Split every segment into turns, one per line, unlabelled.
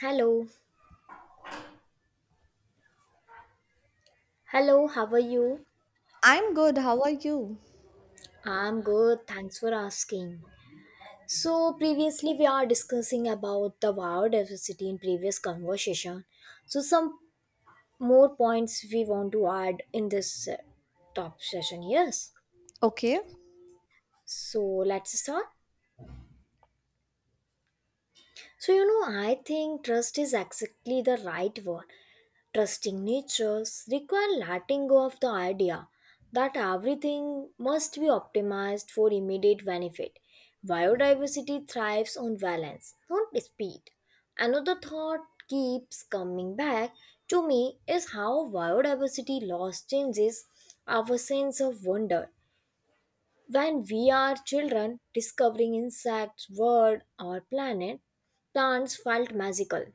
Hello. Hello, how are you?
I'm good. How are you?
I'm good, thanks for asking. So previously we are discussing about the biodiversity in previous conversation. So some more points we want to add in this top session, yes.
Okay.
So let's start. So I think trust is exactly the right word. Trusting natures require letting go of the idea that everything must be optimized for immediate benefit. Biodiversity thrives on balance, not speed. Another thought keeps coming back to me is how biodiversity loss changes our sense of wonder. When we are children, discovering insects, world, or planet, plants felt magical.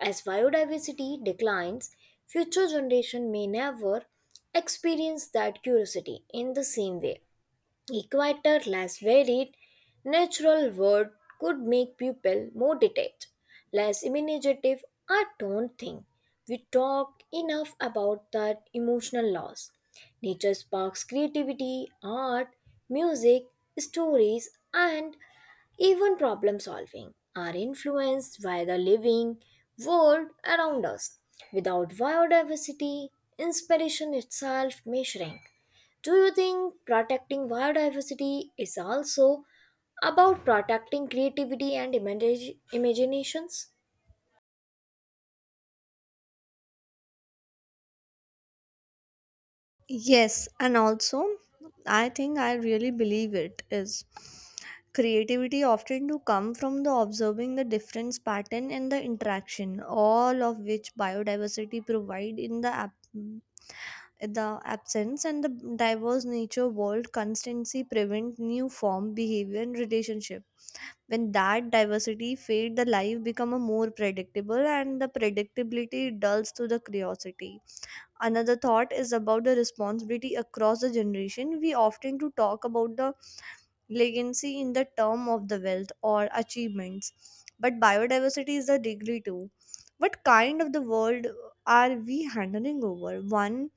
As biodiversity declines, future generation may never experience that curiosity in the same way. Equator less varied, natural word could make people more detached, less imaginative. I don't think we talk enough about that emotional loss. Nature sparks creativity, art, music, stories, and even problem solving are influenced by the living world around us. Without biodiversity, inspiration itself may shrink. Do you think protecting biodiversity is also about protecting creativity and imaginations?
Yes, and also I think I really believe it is creativity often to come from the observing the difference pattern and the interaction all of which biodiversity provide in the absence and the diverse nature world constancy prevent new form behavior and relationship when that diversity fade the life become a more predictable and the predictability dulls to the curiosity. Another thought is about the responsibility across the generation. We often to talk about the legacy in the term of the wealth or achievements, but biodiversity is a degree too. What kind of the world are we handing over? One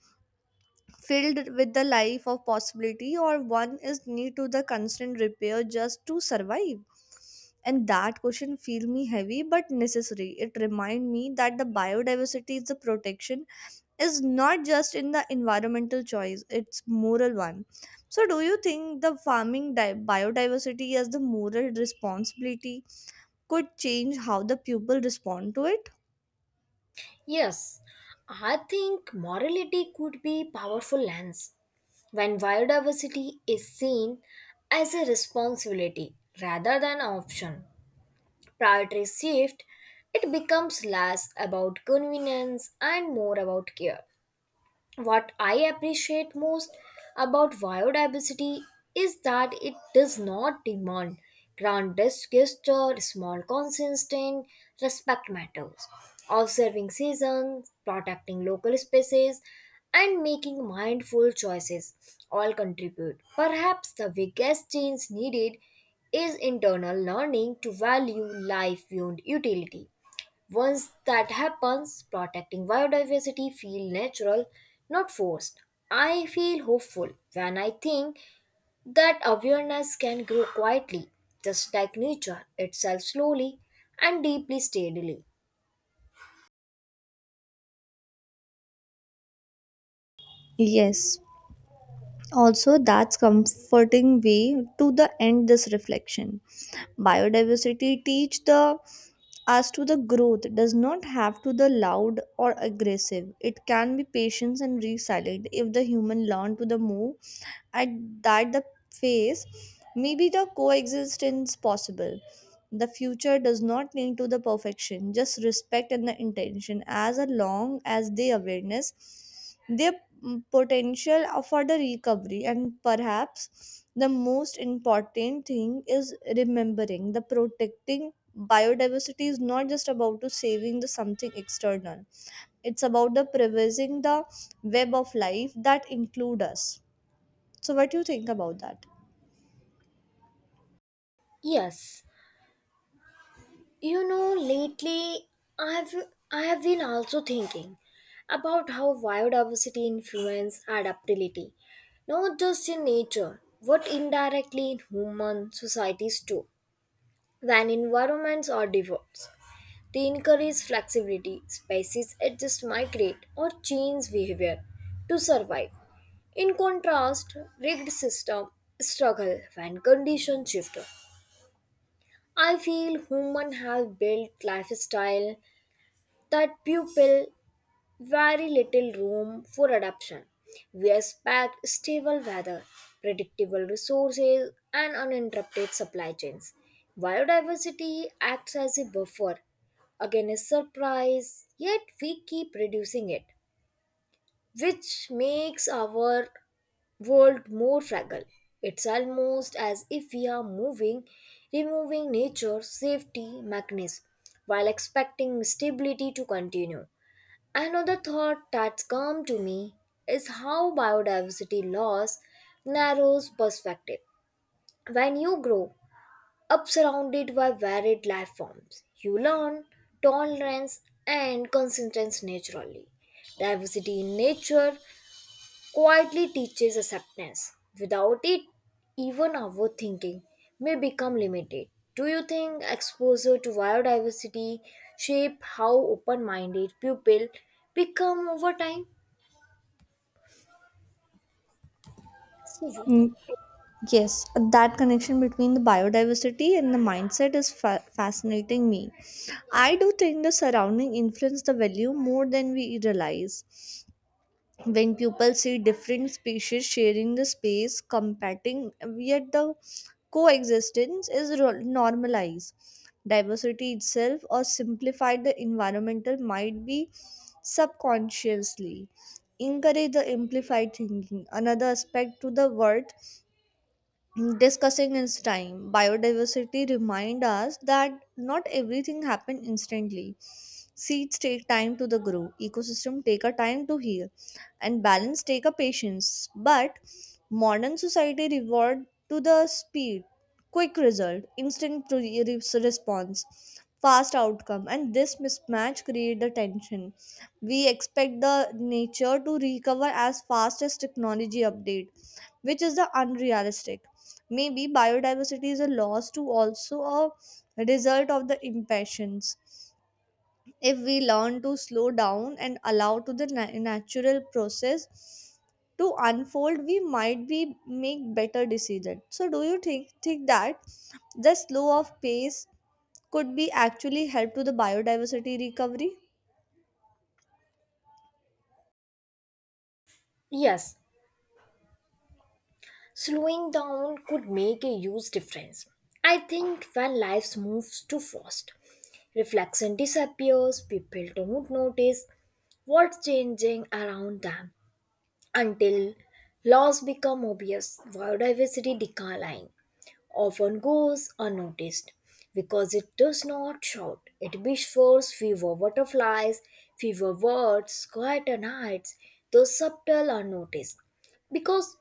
filled with the life of possibility, or one is need to the constant repair just to survive? And that question feel me heavy but necessary. It remind me that the biodiversity is the protection is not just in the environmental choice, it's moral one. So do you think the biodiversity as the moral responsibility could change how the people respond to it?
Yes, I think morality could be powerful lens when biodiversity is seen as a responsibility rather than option. Priority shift, it becomes less about convenience and more about care. What I appreciate most about biodiversity is that it does not demand grand gesture. Small consistent respect matters. Observing seasons, protecting local species, and making mindful choices all contribute. Perhaps the biggest change needed is internal learning to value life beyond utility. Once that happens, protecting biodiversity feels natural, not forced. I feel hopeful when I think that awareness can grow quietly, just like nature itself, slowly and deeply steadily.
Yes, also that's comforting way to the end this reflection. Biodiversity teach the as to the growth does not have to the loud or aggressive. It can be patient and resilient. If the human learn to the move at that the phase, maybe the coexistence possible. The future does not need to the perfection, just respect and the intention. As long as the awareness their potential for the recovery, and perhaps the most important thing is remembering the protecting biodiversity is not just about to saving the something external, it's about the preserving the web of life that include us. So, what do you think about that?
Yes. You know, lately I've I have been also thinking about how biodiversity influence adaptability, not just in nature, but indirectly in human societies too. When environments are diverse, they encourage flexibility. Species adjust, migrate, or change behavior to survive. In contrast, rigged systems struggle when conditions shift. I feel humans have built lifestyle that people very little room for adaptation. We expect stable weather, predictable resources, and uninterrupted supply chains. Biodiversity acts as a buffer against surprise, yet we keep reducing it, which makes our world more fragile. It's almost as if we are removing nature's safety mechanism while expecting stability to continue. Another thought that's come to me is how biodiversity loss narrows perspective. When you grow up surrounded by varied life forms, you learn tolerance and consistency naturally. Diversity in nature quietly teaches acceptance. Without it, even our thinking may become limited. Do you think exposure to biodiversity shape how open-minded people become over time?
Mm, Yes, that connection between the biodiversity and the mindset is fascinating me. I do think the surrounding influence the value more than we realize. When people see different species sharing the space, competing, yet the coexistence is normalized. Diversity itself, or simplified the environmental, might be subconsciously encourage the amplified thinking. Another aspect to the worth discussing its time. Biodiversity remind us that not everything happen instantly. Seeds take time to the grow, ecosystem take a time to heal, and balance take a patience. But modern society reward to the speed, quick result, instant response, fast outcome, and this mismatch create the tension. We expect the nature to recover as fast as technology update, which is the unrealistic. Maybe biodiversity is a loss to also a result of the impatience. If we learn to slow down and allow to the natural process to unfold, we might be make better decisions. So do you think that the slow of pace could be actually help to the biodiversity recovery?
Yes, slowing down could make a huge difference. I think when life moves too fast, reflection disappears, people don't notice what's changing around them until loss become obvious. Biodiversity decline often goes unnoticed because it does not shout. It whispers fewer butterflies, fewer birds, quieter nights, those subtle unnoticed because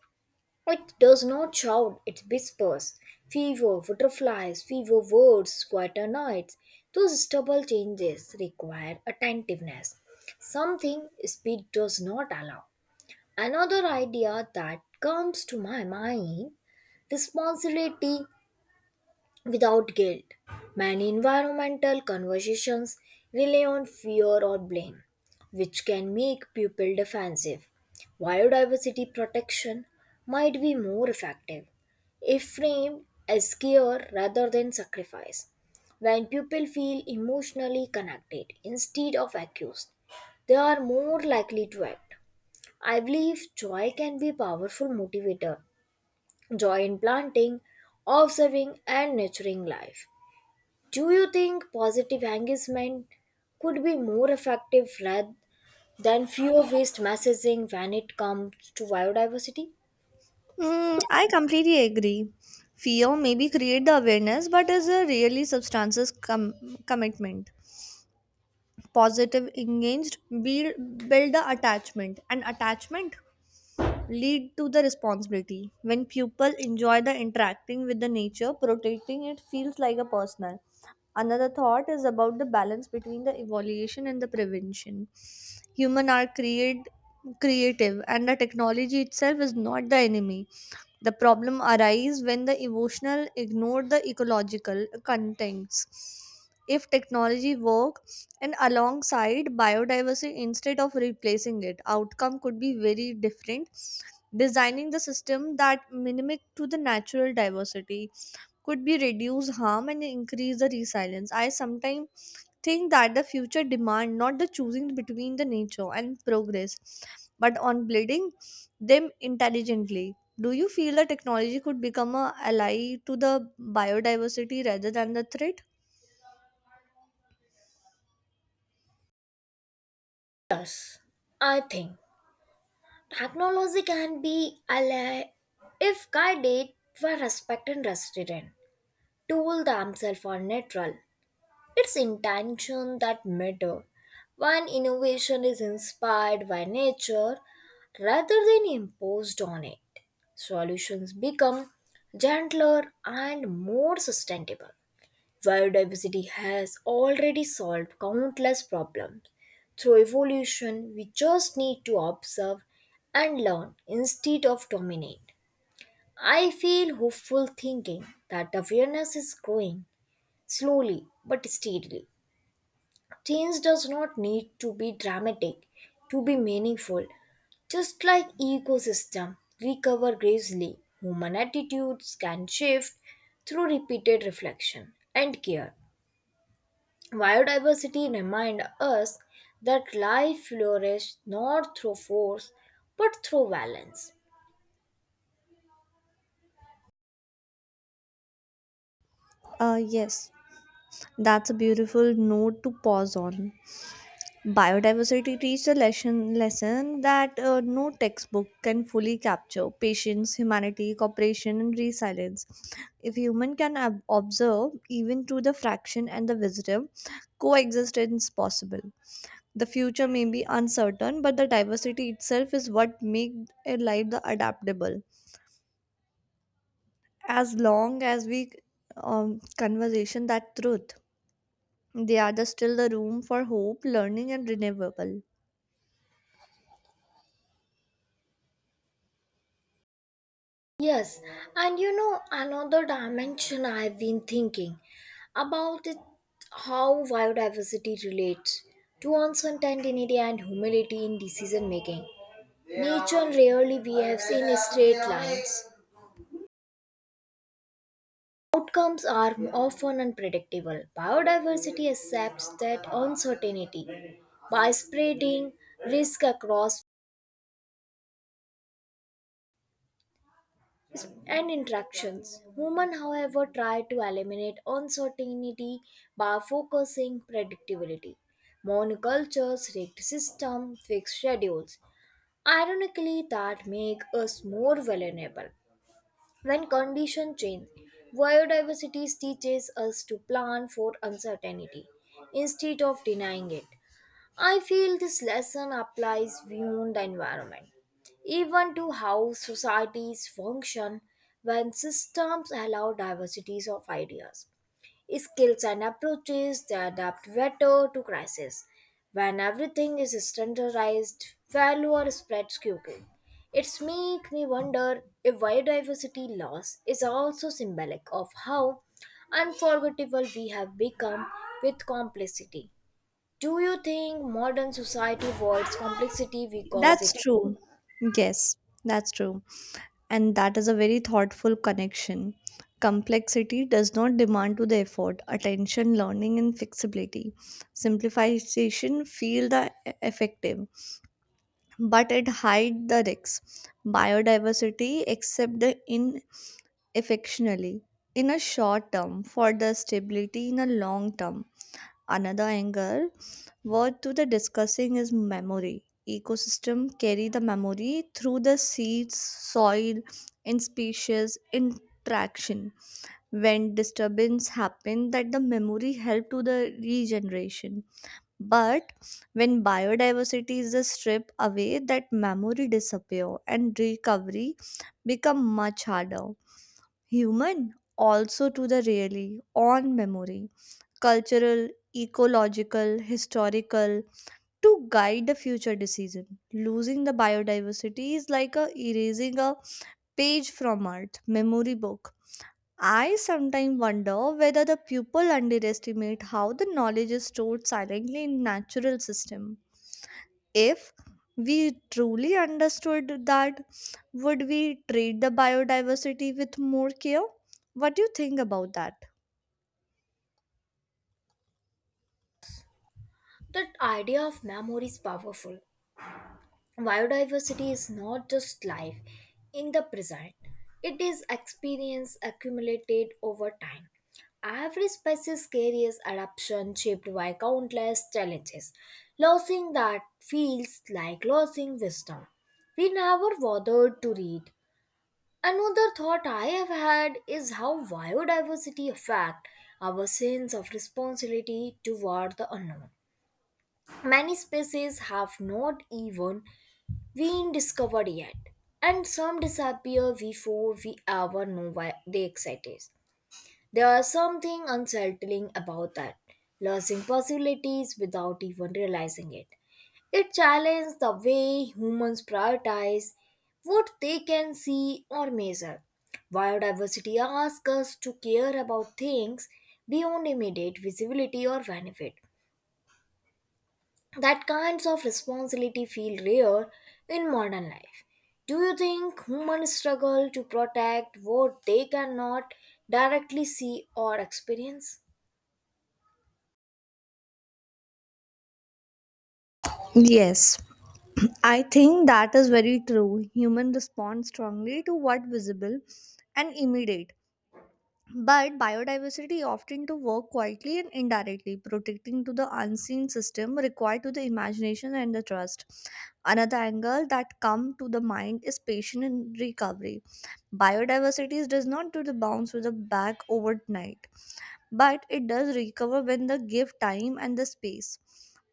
it does not shout, it whispers. Fever, butterflies, fever words, quieter nights. Those stubble changes require attentiveness, something speed does not allow. Another idea that comes to my mind, responsibility without guilt. Many environmental conversations rely on fear or blame, which can make people defensive. Biodiversity protection might be more effective if framed as care rather than sacrifice. When people feel emotionally connected instead of accused, they are more likely to act. I believe joy can be a powerful motivator. Joy in planting, observing, and nurturing life. Do you think positive engagement could be more effective rather than fear based messaging when it comes to biodiversity?
I completely agree. Fear maybe create the awareness, but is a really substances commitment. Positive engaged build the attachment, and attachment lead to the responsibility. When people enjoy the interacting with the nature, protecting it feels like a personal. Another thought is about the balance between the evaluation and the prevention. Human are create creative, and the technology itself is not the enemy. The problem arises when the emotional ignore the ecological contexts. If technology work and alongside biodiversity instead of replacing it, outcome could be very different. Designing the system that mimic to the natural diversity could be reduce harm and increase the resilience. I sometimes think that the future demand not the choosing between the nature and progress, but on building them intelligently. Do you feel that technology could become a ally to the biodiversity rather than the threat?
Yes, I think technology can be ally if guided by respect and restraint. Tools themselves are neutral. It's intention that matter. When innovation is inspired by nature rather than imposed on it, solutions become gentler and more sustainable. Biodiversity has already solved countless problems. Through evolution, we just need to observe and learn instead of dominate. I feel hopeful thinking that awareness is growing slowly but steadily. Change does not need to be dramatic to be meaningful. Just like ecosystem recover gracefully, human attitudes can shift through repeated reflection and care. Biodiversity reminds us that life flourishes not through force but through balance.
Yes, that's a beautiful note to pause on. Biodiversity teaches a lesson that no textbook can fully capture patience, humanity, cooperation, and resilience. If human can observe, even to the fraction and the visitor, coexistence possible. The future may be uncertain, but the diversity itself is what makes a life the adaptable. As long as we conversation that truth, they are the, still the room for hope, learning, and renewable.
Yes, and another dimension I've been thinking about it, how biodiversity relates to uncertainty and humility in decision making. Nature rarely behaves in straight lines. Outcomes are often unpredictable. Biodiversity accepts that uncertainty by spreading risk across and interactions. Humans, however, try to eliminate uncertainty by focusing predictability. Monocultures, rigged systems, fixed schedules. Ironically, that make us more vulnerable when conditions change. Biodiversity teaches us to plan for uncertainty instead of denying it. I feel this lesson applies beyond the environment, even to how societies function when systems allow diversities of ideas, skills, and approaches that adapt better to crisis. When everything is standardized, failure spreads quickly. It's make me wonder if biodiversity loss is also symbolic of how unforgettable we have become with complexity. Do you think modern society avoids complexity because
That's
it?
true. Yes, that's true. And that is a very thoughtful connection. Complexity does not demand to the effort, attention, learning, and flexibility. Simplification feel the effective, but it hide the risks. Biodiversity accept the ineffectionally in a short term for the stability in a long term. Another angle what to the discussing is memory. Ecosystem carry the memory through the seeds, soil, and species interaction. When disturbance happen, that the memory help to the regeneration. But when biodiversity is the stripped away, that memory disappear and recovery become much harder. Human also to the really on memory, cultural, ecological, historical, to guide the future decision. Losing the biodiversity is like a erasing a page from Earth memory book. I sometimes wonder whether the people underestimate how the knowledge is stored silently in natural system. If we truly understood that, would we treat the biodiversity with more care? What do you think about that?
That idea of memory is powerful. Biodiversity is not just life in the present. It is experience accumulated over time. Every species carries adaptation shaped by countless challenges. Losing that feels like losing wisdom. We never bothered to read. Another thought I have had is how biodiversity affect our sense of responsibility toward the unknown. Many species have not even been discovered yet, and some disappear before we ever know why they exist. There is something unsettling about that, losing possibilities without even realizing it. It challenges the way humans prioritize what they can see or measure. Biodiversity asks us to care about things beyond immediate visibility or benefit. That kinds of responsibility feel rare in modern life. Do you think humans struggle to protect what they cannot directly see or experience?
Yes, I think that is very true. Human respond strongly to what visible and immediate. But biodiversity often to work quietly and indirectly, protecting to the unseen system required to the imagination and the trust. Another angle that come to the mind is patient and recovery. Biodiversity does not do the bounce with the back overnight, but it does recover when the give time and the space.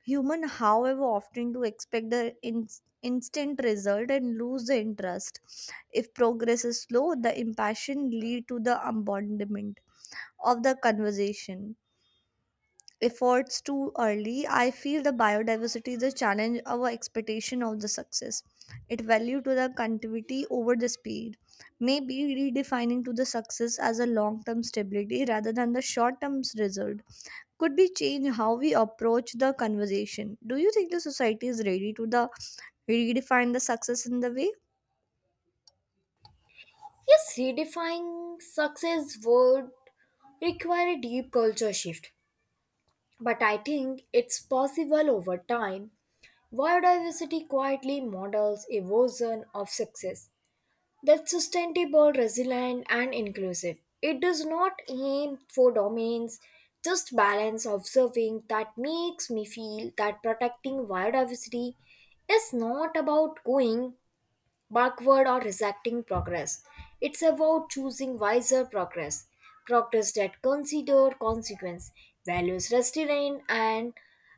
Human, however, often do expect the instant result and lose the interest. If progress is slow, the impassion lead to the abandonment of the conversation. Efforts too early, I feel the biodiversity is a challenge our expectation of the success. It value to the continuity over the speed. Maybe redefining to the success as a long-term stability rather than the short-term result could be change how we approach the conversation. Do you think the society is ready to the redefine the success in the way?
Yes, redefining success would require a deep culture shift, but I think it's possible over time. Biodiversity quietly models a version of success that's sustainable, resilient, and inclusive. It does not aim for dominance, just balance. Observing that makes me feel that protecting biodiversity is not about going backward or rejecting progress. It's about choosing wiser progress, progress that consider consequence, values restraint, and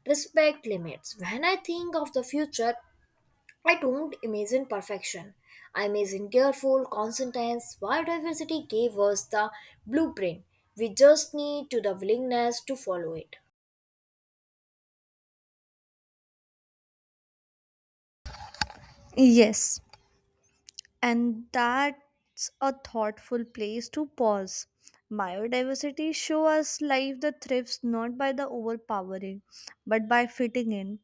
respect limits. When I think of the future, I don't imagine perfection. I imagine careful, conscientious. Biodiversity gave us the blueprint. We just need to the willingness to follow it.
Yes, and that's a thoughtful place to pause. Biodiversity show us life that thrives not by the overpowering, but by fitting in.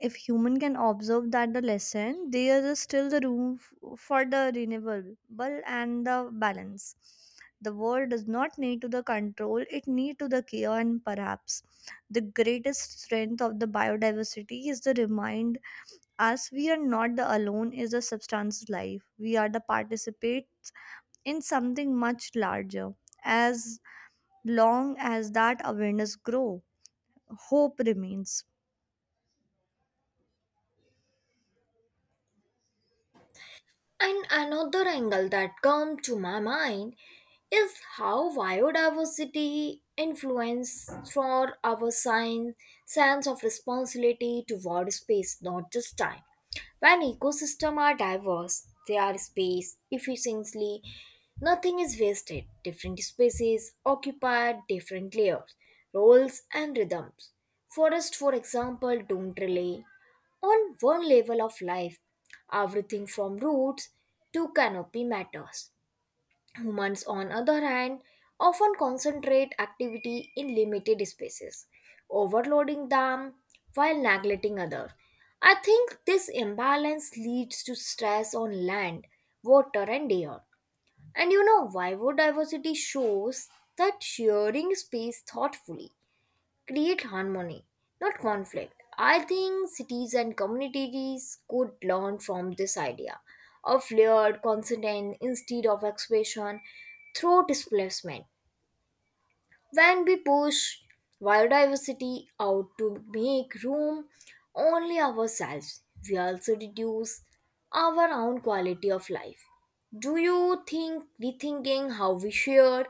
If human can observe that the lesson, there is still the room for the renewable and the balance. The world does not need to the control; it need to the care, and perhaps the greatest strength of the biodiversity is the remind as we are not the alone is the substance's life. We are the participates in something much larger. As long as that awareness grow, hope remains.
And another angle that comes to my mind is how biodiversity influences for our sense of responsibility toward space, not just time. When ecosystems are diverse, they are spaced efficiently, nothing is wasted. Different species occupy different layers, roles, and rhythms. Forests, for example, don't rely on one level of life. Everything from roots to canopy matters. Humans, on other hand, often concentrate activity in limited spaces, overloading them while neglecting others. I think this imbalance leads to stress on land, water, and air. And biodiversity shows that sharing space thoughtfully create harmony, not conflict. I think cities and communities could learn from this idea of layered consonant instead of expression through displacement. When we push biodiversity out to make room only ourselves, we also reduce our own quality of life. Do you think rethinking how we share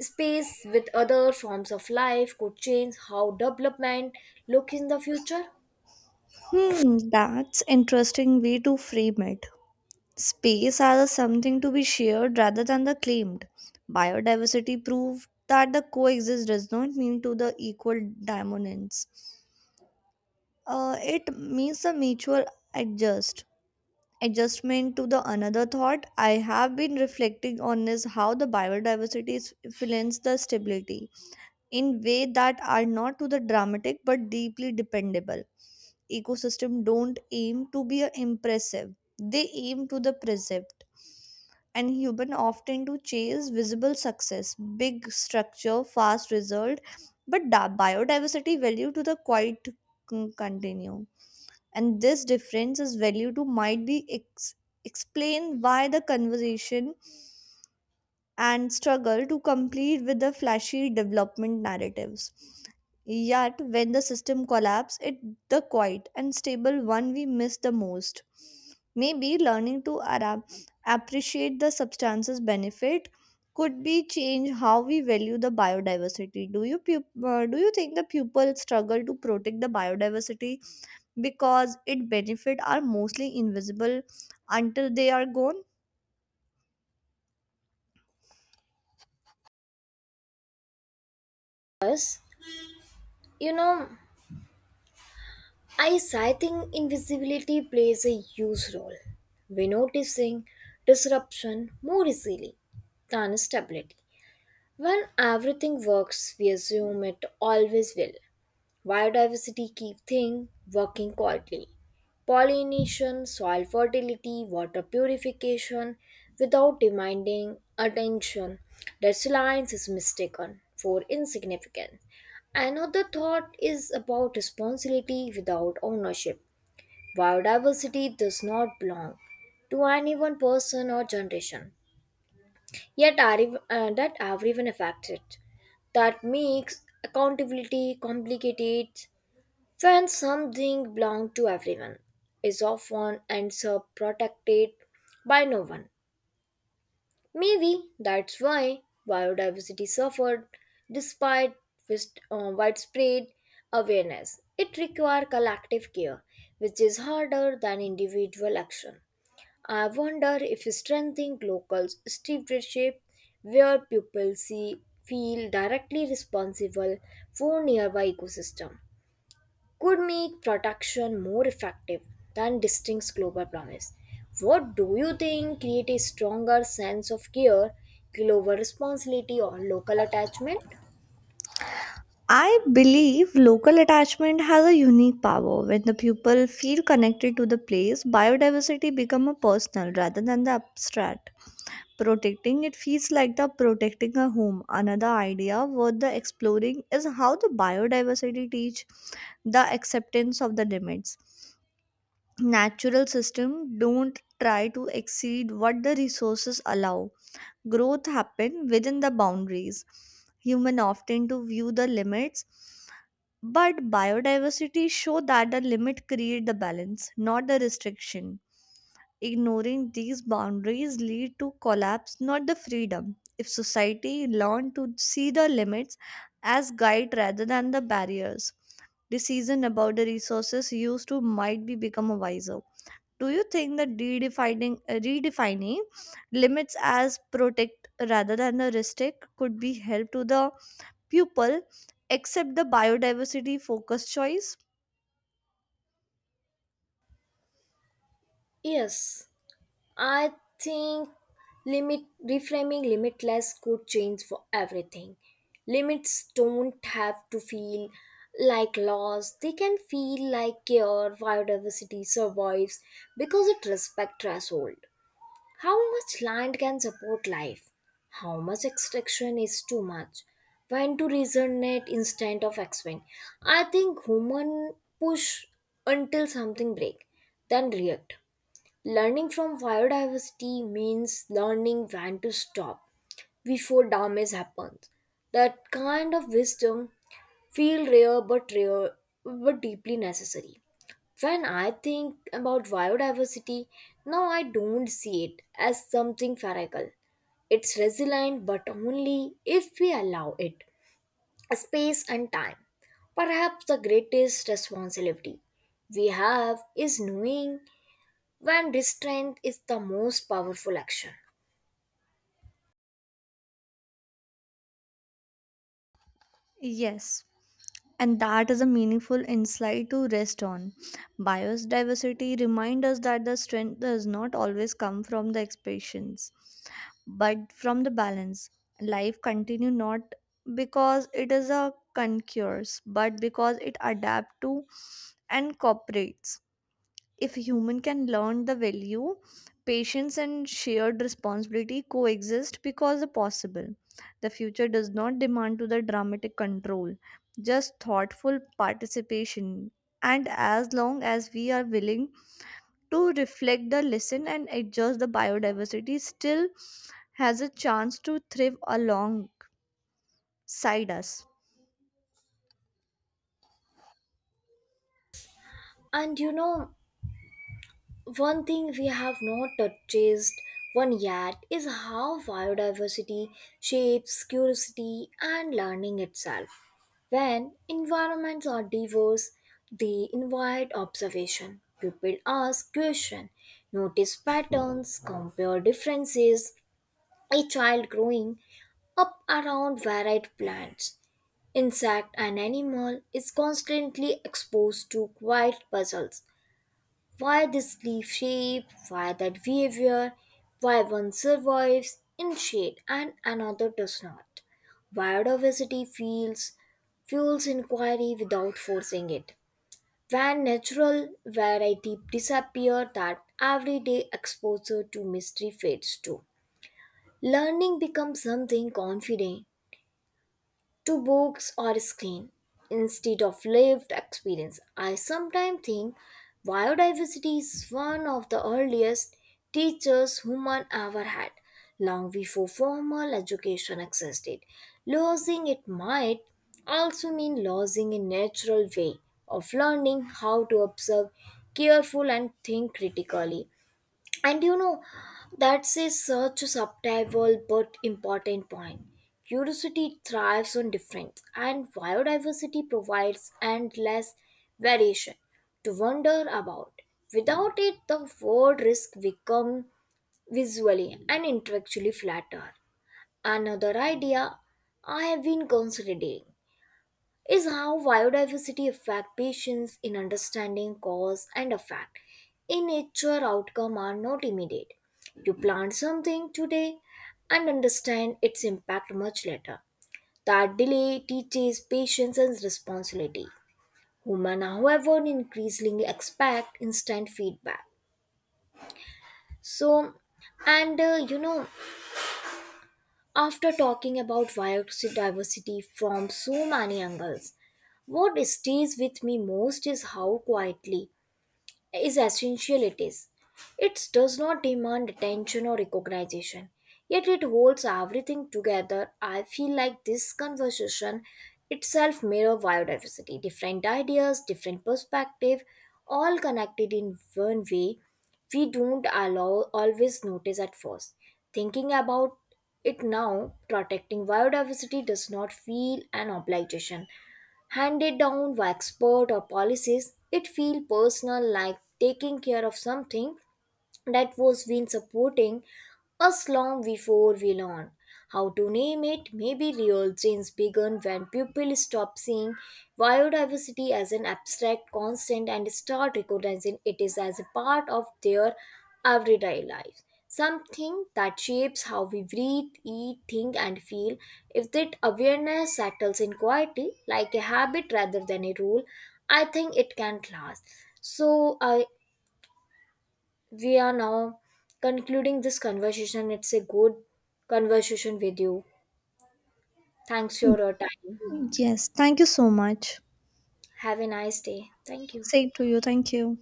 space with other forms of life could change how development look in the future?
Hmm, that's interesting way to frame it. Space as a something to be shared rather than the claimed. Biodiversity proved that the coexist does not mean to the equal dominance. It means the mutual adjust. adjustment to the another thought I have been reflecting on is how the influence the stability in way that are not to the dramatic but deeply dependable. Ecosystem don't aim to be impressive, they aim to the precept. And human often to chase visible success, big structure, fast result, but biodiversity value to the continue, and this difference is value to might be explain why the conversation and struggle to complete with the flashy development narratives. Yet when the system collapse it the quiet and stable one we miss the most. Maybe learning to appreciate the substance's benefit could be change how we value the biodiversity. Do you think the pupils struggle to protect the biodiversity because its benefits are mostly invisible until they are gone?
Yes, you know, I think invisibility plays a huge role. We're noticing disruption more easily than stability. When everything works, we assume it always will. Biodiversity keep thing working quietly. Pollination, soil fertility, water purification, without demanding attention. That reliance is mistaken for insignificant. Another thought is about responsibility without ownership. Biodiversity does not belong to any one person or generation. Yet that everyone affected. That makes accountability complicated when something belongs to everyone is often ends up protected by no one. Maybe that's why biodiversity suffered despite widespread awareness. It requires collective care, which is harder than individual action. I wonder if strengthening local stewardship, where people see feel directly responsible for nearby ecosystem, could make protection more effective than distinct global promise. What do you think create a stronger sense of care, global responsibility, or local attachment?
I believe local attachment has a unique power. When the people feel connected to the place, biodiversity becomes a personal rather than the abstract. Protecting it feels like the protecting a home. Another idea worth the exploring is how the biodiversity teach the acceptance of the limits. Natural system don't try to exceed what the resources allow. Growth happen within the boundaries. Human often to view the limits, but biodiversity show that the limit create the balance, not the restriction. Ignoring these boundaries lead to collapse, not the freedom. If society learn to see the limits as guide rather than the barriers, decision about the resources used to might be become wiser. Do you think that redefining limits as protect rather than the restrict could be help to the pupil accept the biodiversity focused choice?
Yes, I think limit reframing limitless could change for everything. Limits don't have to feel like laws. They can feel like care. Biodiversity survives because it respects threshold. How much land can support life? How much extraction is too much? When to resonate instead of expand? I think human push until something break, then react. Learning from biodiversity means learning when to stop before damage happens. That kind of wisdom feel rare but deeply necessary. When I think about biodiversity, now I don't see it as something feral. It's resilient but only if we allow it space and time. Perhaps the greatest responsibility we have is knowing when restraint is the most powerful action.
Yes, and that is a meaningful insight to rest on. Biodiversity reminds us that the strength does not always come from the expansions, but from the balance. Life continues not because it is a concurs, but because it adapts to and cooperates. If a human can learn the value, patience and shared responsibility coexist because they possible. The future does not demand to the dramatic control, just thoughtful participation. And as long as we are willing to reflect the lesson and adjust the biodiversity still has a chance to thrive alongside us.
And one thing we have not touched one yet is how biodiversity shapes curiosity and learning itself. When environments are diverse, they invite observation. People ask questions, notice patterns, compare differences. A child growing up around varied plants, insect and animal, is constantly exposed to quiet puzzles: why this leaf shape, why that behavior, why one survives in shade and another does not. Biodiversity feels fuels inquiry without forcing it. When natural variety disappears, that everyday exposure to mystery fades too. Learning becomes something confident to books or screen instead of lived experience. I sometimes think biodiversity is one of the earliest teachers human ever had, long before formal education existed. Losing it might also mean losing a natural way of learning how to observe careful and think critically. And that's a such a subtle but important point. Curiosity thrives on difference, and biodiversity provides endless variation to wonder about. Without it, the world risk become visually and intellectually flatter. Another idea I have been considering is how biodiversity affect patients in understanding cause and effect. In nature, outcome are not immediate. You plant something today and understand its impact much later. That delay teaches patience and responsibility. Human, however, increasingly expect instant feedback. So, and uh, you know, after talking about biodiversity from so many angles, what stays with me most is how quietly is essential it is. It does not demand attention or recognition, yet it holds everything together. I feel like this conversation itself mirror biodiversity, different ideas, different perspective, all connected in one way we don't allow always notice at first. Thinking about it now, protecting biodiversity does not feel an obligation handed down by expert or policies. It feels personal, like taking care of something that was been supporting us long before we learned how to name it. Maybe real change began when people stopped seeing biodiversity as an abstract constant and start recognizing it is as a part of their everyday lives. Something that shapes how we breathe, eat, think, and feel. If that awareness settles in quietly, like a habit rather than a rule, I think it can last. So I we are now concluding this conversation. It's a good conversation with you. Thanks for your time.
Yes, thank you so much.
Have a nice day. Thank you.
Say to you, thank you.